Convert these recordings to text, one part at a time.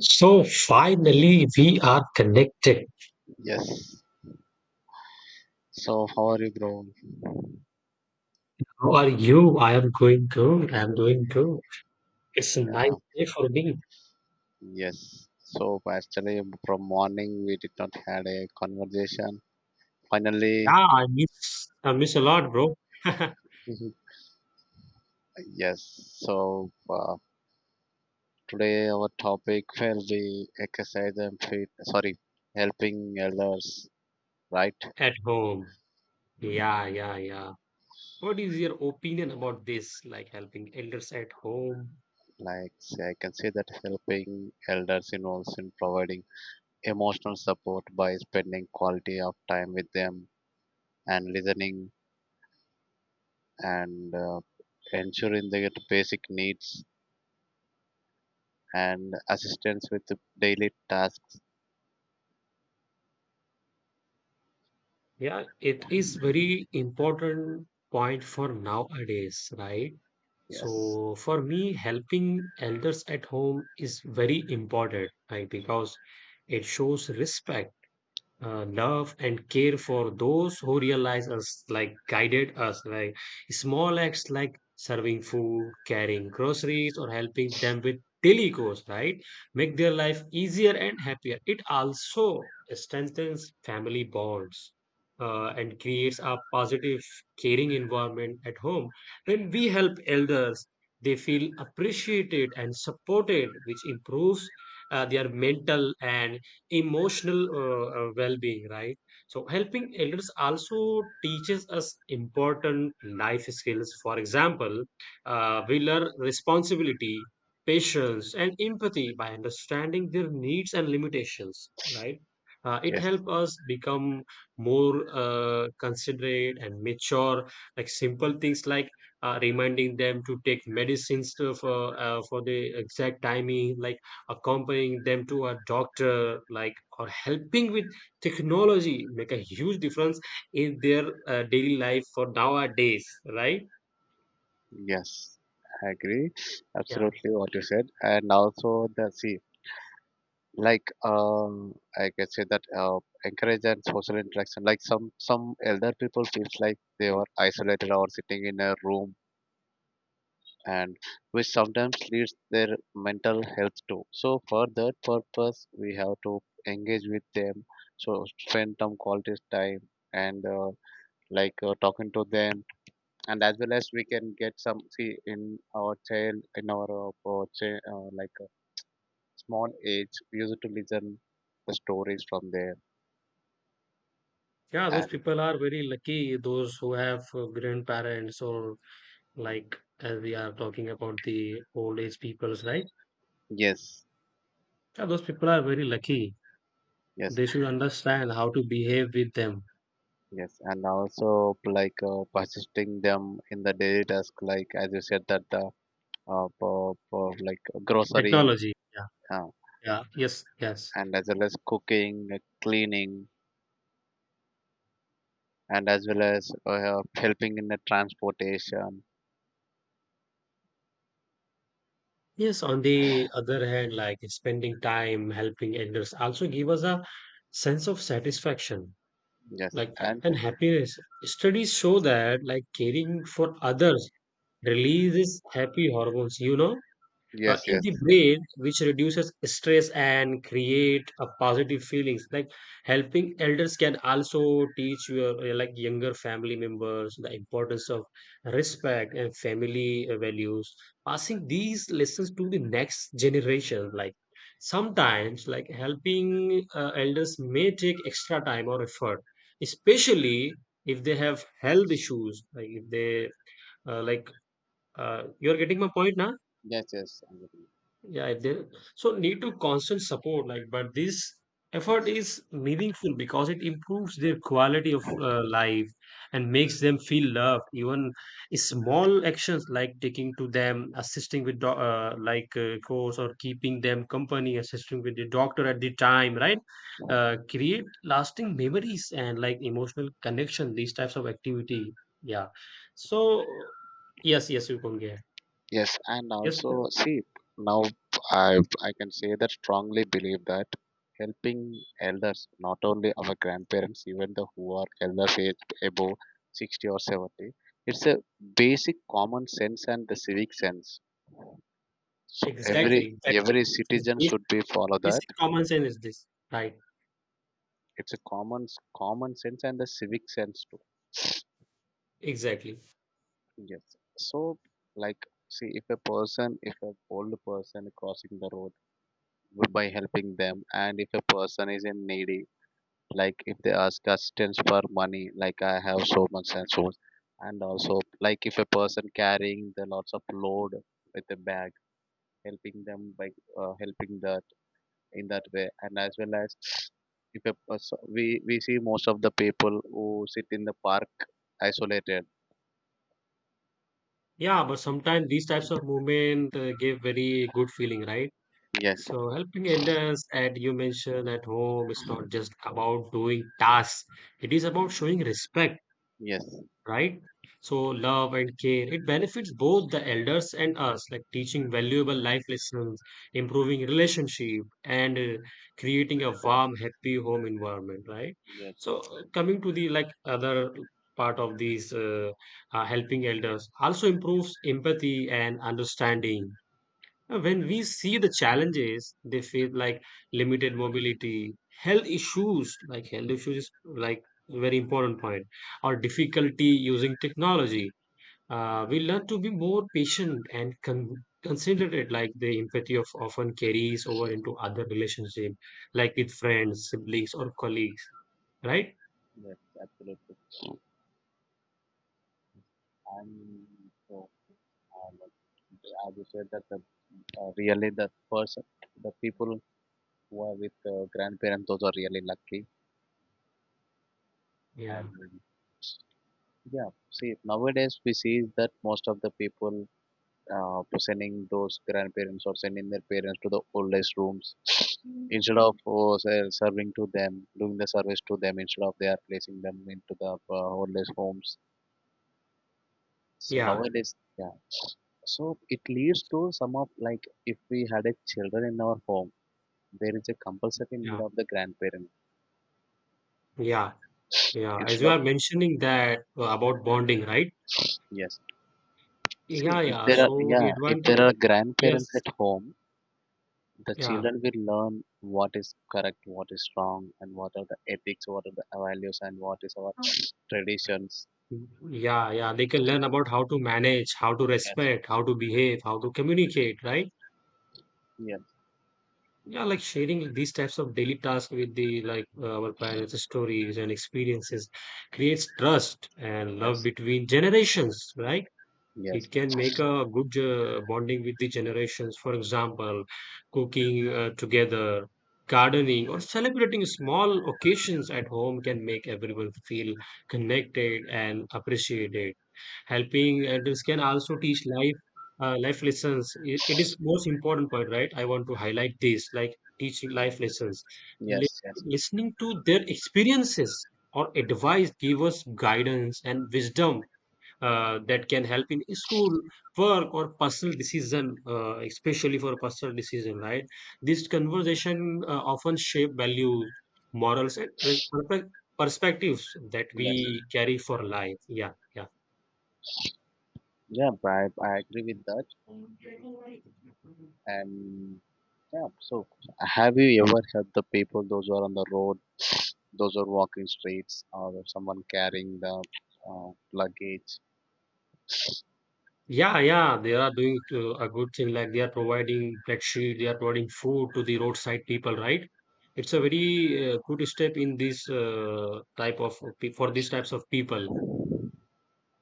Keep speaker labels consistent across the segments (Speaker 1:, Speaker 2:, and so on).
Speaker 1: So finally, we are connected.
Speaker 2: Yes. So how are you, bro?
Speaker 1: How are you? I am going good. I'm doing good. It's a nice
Speaker 2: Yeah.
Speaker 1: day for me.
Speaker 2: Yes. So actually, from morning we did not had a conversation.
Speaker 1: Yeah,
Speaker 2: Finally,
Speaker 1: I miss a lot, bro. At
Speaker 2: mhm, yes. So uh, today our topic will be exercise and fit. Sorry, helping elders, right?
Speaker 1: home. Yeah, yeah, yeah. What is your opinion about this, like helping elders at home?
Speaker 2: Like say, I can say that helping elders involves in providing emotional support by spending quality of time with them and listening and ensuring they get basic needs and assistance with the daily tasks.
Speaker 1: Yeah, it is very important point for nowadays, right?
Speaker 2: Yes,
Speaker 1: So for me, helping elders at home is very important, right? Because it shows respect, love and care for those who realize us, like guided us, like small acts like serving food, carrying groceries, or helping them with daily chores, right? Make their life easier and happier. It also strengthens family bonds. And creates a positive, caring environment at home. When we help elders, they feel appreciated and supported, which improves their mental and emotional well-being, right? So helping elders also teaches us important life skills. For example, we learn responsibility, patience and empathy by understanding their needs and limitations, right? It
Speaker 2: yes,
Speaker 1: helps us become more considerate and mature, like simple things like reminding them to take medicines to, for the exact timing, like accompanying them to a doctor, like or helping with technology make a huge difference in their daily life for nowadays, right?
Speaker 2: yes. I agree
Speaker 1: Yeah,
Speaker 2: absolutely what you said, and also the see like I can say that encourage and social interaction. Like some elder people feels like they were isolated or sitting in a room and which sometimes leads their mental health too. So for that purpose, we have to engage with them. So spend some quality time and talking to them, and as well as we can get some see in our child in our small age, we used to listen the stories from there,
Speaker 1: yeah, those
Speaker 2: and
Speaker 1: people are very lucky, those who have grandparents or like as we are talking about the old age peoples, right?
Speaker 2: yes,
Speaker 1: Yeah, those people are very lucky.
Speaker 2: yes.
Speaker 1: They should understand how to behave with them.
Speaker 2: Yes, and also persisting them in the daily task, like as you said that the for like grocery
Speaker 1: Technology. Yeah,
Speaker 2: uh,
Speaker 1: yeah. Yes, yes.
Speaker 2: and as well as cooking, cleaning, and as well as helping in the transportation.
Speaker 1: Yes, on the other hand, like spending time helping elders also give us a sense of satisfaction,
Speaker 2: Yes,
Speaker 1: like
Speaker 2: and
Speaker 1: and happiness. Studies show that like caring for others releases happy hormones, you know,
Speaker 2: yes,
Speaker 1: in
Speaker 2: yes,
Speaker 1: the brain, which reduces stress and create a positive feelings, like helping elders can also teach your like younger family members the importance of respect and family values, passing these lessons to the next generation, like sometimes like helping elders may take extra time or effort, especially if they have health issues, like if they uh, like you're getting my point now.
Speaker 2: yes, yes, I'm with you.
Speaker 1: Yeah, if they so need to constant support, like, but this effort is meaningful because it improves their quality of life and makes them feel loved. Even small actions like taking to them, assisting with like course or keeping them company, assisting with the doctor at the time, right? Create lasting memories and like emotional connection. These types of activity, yeah. So yes, yes, you can get.
Speaker 2: Yes, and
Speaker 1: Yes,
Speaker 2: also
Speaker 1: please.
Speaker 2: see now I I can say that strongly believe that helping elders, not only our grandparents, even the who are elders age above 60 or 70, it's a basic common sense and the civic sense. So every
Speaker 1: Exactly. That
Speaker 2: every
Speaker 1: is.
Speaker 2: citizen should be follow that.
Speaker 1: Basic common sense is this, right?
Speaker 2: It's a common sense and a civic sense too.
Speaker 1: Exactly.
Speaker 2: Yes. So like see if a person if a old person crossing the road by helping them and if a person is in needy like if they ask assistance for money like I have so much and also like if a person carrying the lots of load with a bag helping them by helping the in that way and as well as if a person, we see most of the people who sit in the park isolated.
Speaker 1: Yeah, but sometimes these types of movement give very good feeling, right?
Speaker 2: Yes,
Speaker 1: So helping others, as you mentioned, at home, it's not just about doing tasks. It is about showing respect.
Speaker 2: yes,
Speaker 1: Right? So love and care, it benefits both the elders and us, like teaching valuable life lessons, improving relationship, and creating a warm, happy home environment, right?
Speaker 2: yes,
Speaker 1: So
Speaker 2: yes,
Speaker 1: coming to the like other part of these helping elders also improves empathy and understanding now. When we see the challenges they face, like limited mobility, health issues, like health issues is like very important point, or difficulty using technology, we learn to be more patient and considerate. Like the empathy of often carries over into other relationship, like with friends, siblings, or colleagues. Right?
Speaker 2: yes, absolutely. And so like, as you said that the, really the person the people who are with grandparents those are really lucky
Speaker 1: Yeah,
Speaker 2: and yeah, see nowadays we see that most of the people to sending those grandparents or sending their parents to the oldest rooms instead of serving to them, doing the service to them instead of they are placing them into the oldest homes. So
Speaker 1: yeah,
Speaker 2: nowadays, yeah. So it leads to some of like if we had a children in our home, there is a compulsory need
Speaker 1: yeah,
Speaker 2: of the grandparent
Speaker 1: yeah, yeah. As
Speaker 2: instead
Speaker 1: you
Speaker 2: of
Speaker 1: are mentioning that about bonding, right?
Speaker 2: yes. See,
Speaker 1: Yeah,
Speaker 2: if
Speaker 1: yeah.
Speaker 2: there are
Speaker 1: So the
Speaker 2: yeah, if
Speaker 1: advantage,
Speaker 2: there are grandparents
Speaker 1: yes,
Speaker 2: at home, the
Speaker 1: yeah.
Speaker 2: children will learn what is correct, what is wrong, and what are the ethics, what are the values, and what is our traditions.
Speaker 1: Yeah, yeah, they can learn about how to manage, how to
Speaker 2: Yes,
Speaker 1: respect, how to behave, how to communicate, right?
Speaker 2: yes,
Speaker 1: Yeah, like sharing these types of daily tasks with the like our parents' stories and experiences creates trust and love
Speaker 2: yes,
Speaker 1: between generations, right?
Speaker 2: yes,
Speaker 1: It can make a good bonding with the generations. For example, cooking together, gardening, or celebrating small occasions at home can make everyone feel connected and appreciated. Helping adults can also teach life life lessons. It is most important point, right? I want to highlight this, like teaching life lessons. Li-
Speaker 2: yes, yes,
Speaker 1: Listening to their experiences or advice give us guidance and wisdom that can help in school, work or personal decision, especially for personal decision, right? This conversation often shape values, morals and perspectives that
Speaker 2: yes.
Speaker 1: we carry for life. Yeah, yeah,
Speaker 2: Yeah, I agree with that. And yeah, so have you ever helped the people, those who are on the road, those who are walking streets, or someone carrying the luggage?
Speaker 1: yeah, yeah, they are doing a good thing, like they are providing flexi, they are providing food to the roadside people, right? It's a very good step in this type of for these types of people.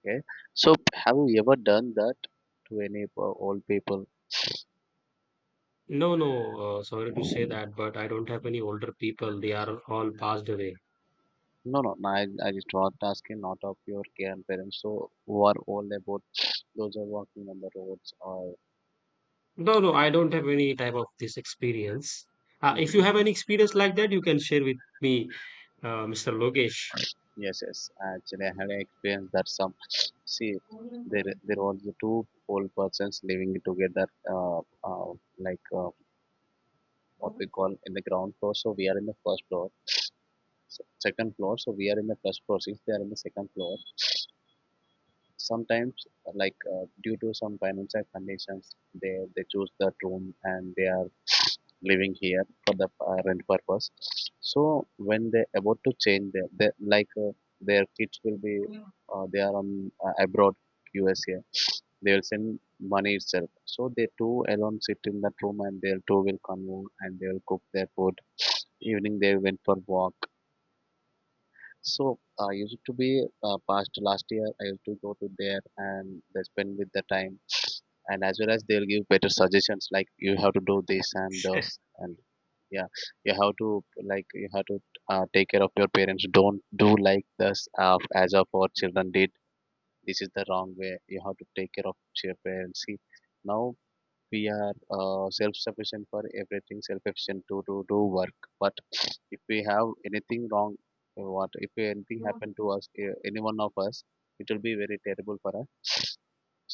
Speaker 2: Okay, so have you ever done that to any old people?
Speaker 1: No, no, sorry to say that, but I don't have any older people. They are all passed away.
Speaker 2: No, no, no, I just was asking not of your grandparents, so who are all about those who are walking on the roads or
Speaker 1: No, no, I don't have any type of this experience. If you
Speaker 2: mhm,
Speaker 1: have any experience like that, you can share with me, Mr. Lokesh.
Speaker 2: yes, yes. Actually, I had an experience that some see there was the two old persons living together, uh, uh like uh, what we call in the ground floor. So we are in the first floor, second floor. So we are in the first floor. Since they are in the second floor, sometimes due to some financial conditions, they choose that room and they are living here for the rent purpose. So when they about to change their their kids will be they are on abroad USA, they will send money itself. So they two alone sit in that room and they two will convo and they will cook their food. Evening they went for walk. So I used to be past last year. I used to go to there and they spend with the time, and as well as they'll give better suggestions like you have to do this and those
Speaker 1: Sure.
Speaker 2: and yeah you have to like you have to take care of your parents, don't do like this as of our children did, this is the wrong way, you have to take care of your parents. See now we are self-sufficient for everything, self-sufficient to do do work, but if we have anything wrong, what if anything happened to us, any one of us, it will be very terrible for us.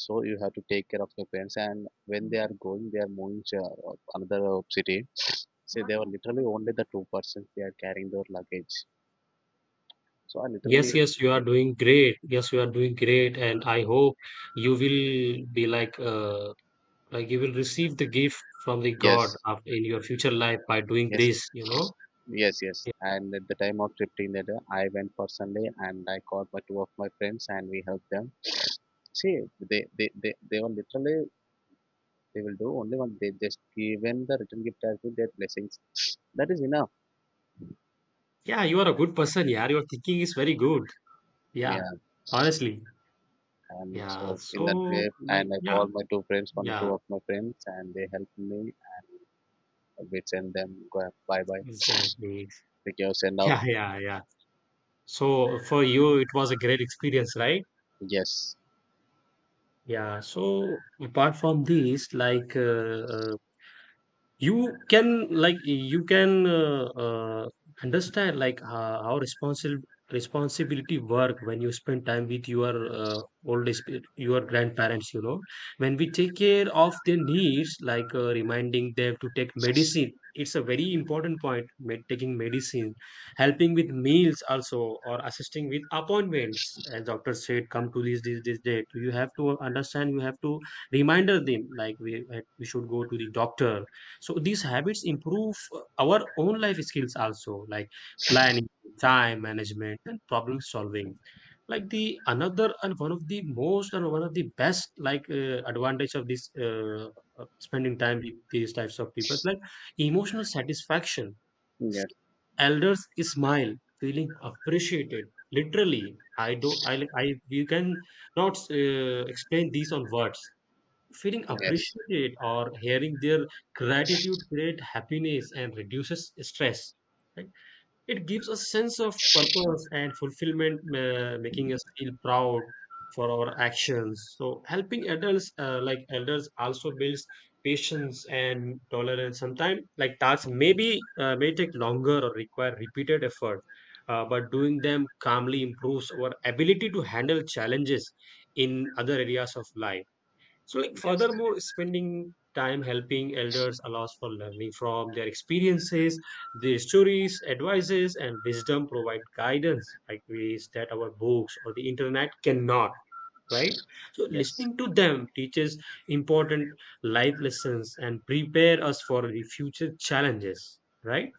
Speaker 2: So you have to take care of your parents, and when they are going they are moving to another city, so they were literally only the two persons, they are carrying their luggage, so I literally
Speaker 1: Yes, yes, you are
Speaker 2: yeah,
Speaker 1: doing great. Yes, you are doing great, and I hope you will be like you will receive the gift from the God
Speaker 2: yes
Speaker 1: of, in your future life by doing
Speaker 2: yes
Speaker 1: this, you know?
Speaker 2: yes yes and at the time of shifting that I went personally and I called my two of my friends and we helped them. See they were literally they will do only one, they just given the return gift as with their blessings, that is enough.
Speaker 1: Yeah, you are a good person, yeah. Your thinking is very good. Yeah,
Speaker 2: Yeah.
Speaker 1: honestly.
Speaker 2: And
Speaker 1: Yeah,
Speaker 2: so in that
Speaker 1: so
Speaker 2: way,
Speaker 1: like
Speaker 2: and I
Speaker 1: yeah,
Speaker 2: called my two friends, one
Speaker 1: yeah,
Speaker 2: two of my friends, and they helped me. We send them go bye bye.
Speaker 1: exactly.
Speaker 2: We can send off.
Speaker 1: Yeah, yeah, yeah. So for you, it was a great experience, right?
Speaker 2: Yes,
Speaker 1: Yeah. So apart from these, like you can like you can understand like how responsible, responsibility work when you spend time with your your grandparents, you know. When we take care of their needs, like reminding them to take medicine, it's a very important point. Taking medicine, helping with meals also or assisting with appointments as doctor said come to this this this date, you have to understand, you have to reminder them like we should go to the doctor. So these habits improve our own life skills also, like planning, time management, and problem solving. Like the another and one of the most and one of the best like advantage of this spending time with these types of people, like emotional satisfaction.
Speaker 2: yes,
Speaker 1: See, elders smile, feeling appreciated. Literally, I don't. I. You can not explain these on words. Feeling
Speaker 2: yes,
Speaker 1: appreciated or hearing their gratitude create happiness and reduces stress. Right? It gives a sense of purpose and fulfillment, making us feel proud for our actions. So helping adults, like elders, also builds patience and tolerance. Sometimes, like tasks, maybe may take longer or require repeated effort. But doing them calmly improves our ability to handle challenges in other areas of life. So, like,
Speaker 2: yes,
Speaker 1: furthermore, spending time helping elders allows for learning from their experiences, their stories, advices, and wisdom provide guidance, like ways that our books or the internet cannot. Right? So,
Speaker 2: yes,
Speaker 1: listening to them teaches important life lessons and prepare us for the future challenges. Right?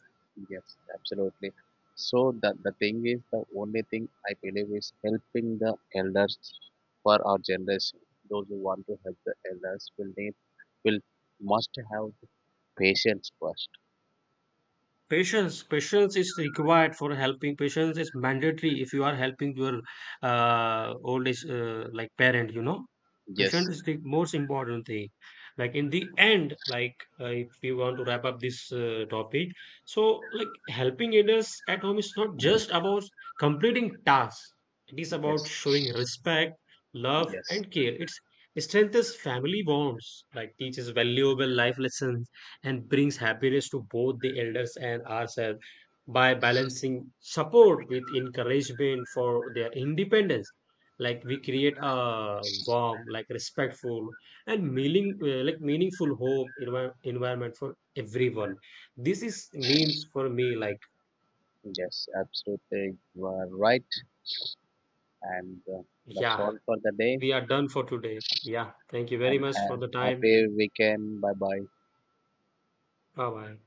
Speaker 2: yes, absolutely. So the thing is, the only thing I believe is helping the elders for our generation. Those who want to help the elders will need will must have the patience first.
Speaker 1: Patience, patience is required for helping. Patience is mandatory if you are helping your old age, like parent. You know, patience
Speaker 2: Yes,
Speaker 1: is the most important thing. Like in the end, like if we want to wrap up this topic, so like helping elders at home is not just about completing tasks. It is about
Speaker 2: yes,
Speaker 1: showing respect, love,
Speaker 2: yes,
Speaker 1: and care. It strengthens family bonds, like teaches valuable life lessons and brings happiness to both the elders and ourselves by balancing support with encouragement for their independence, like we create a warm, like respectful and meaning, like meaningful home environment for everyone. This is means for me, like
Speaker 2: yes, absolutely. You are right. And that's
Speaker 1: yeah,
Speaker 2: all for the day.
Speaker 1: we are done for today. Yeah, thank you very
Speaker 2: And
Speaker 1: much for the time.
Speaker 2: happy weekend. Bye bye.
Speaker 1: Bye bye.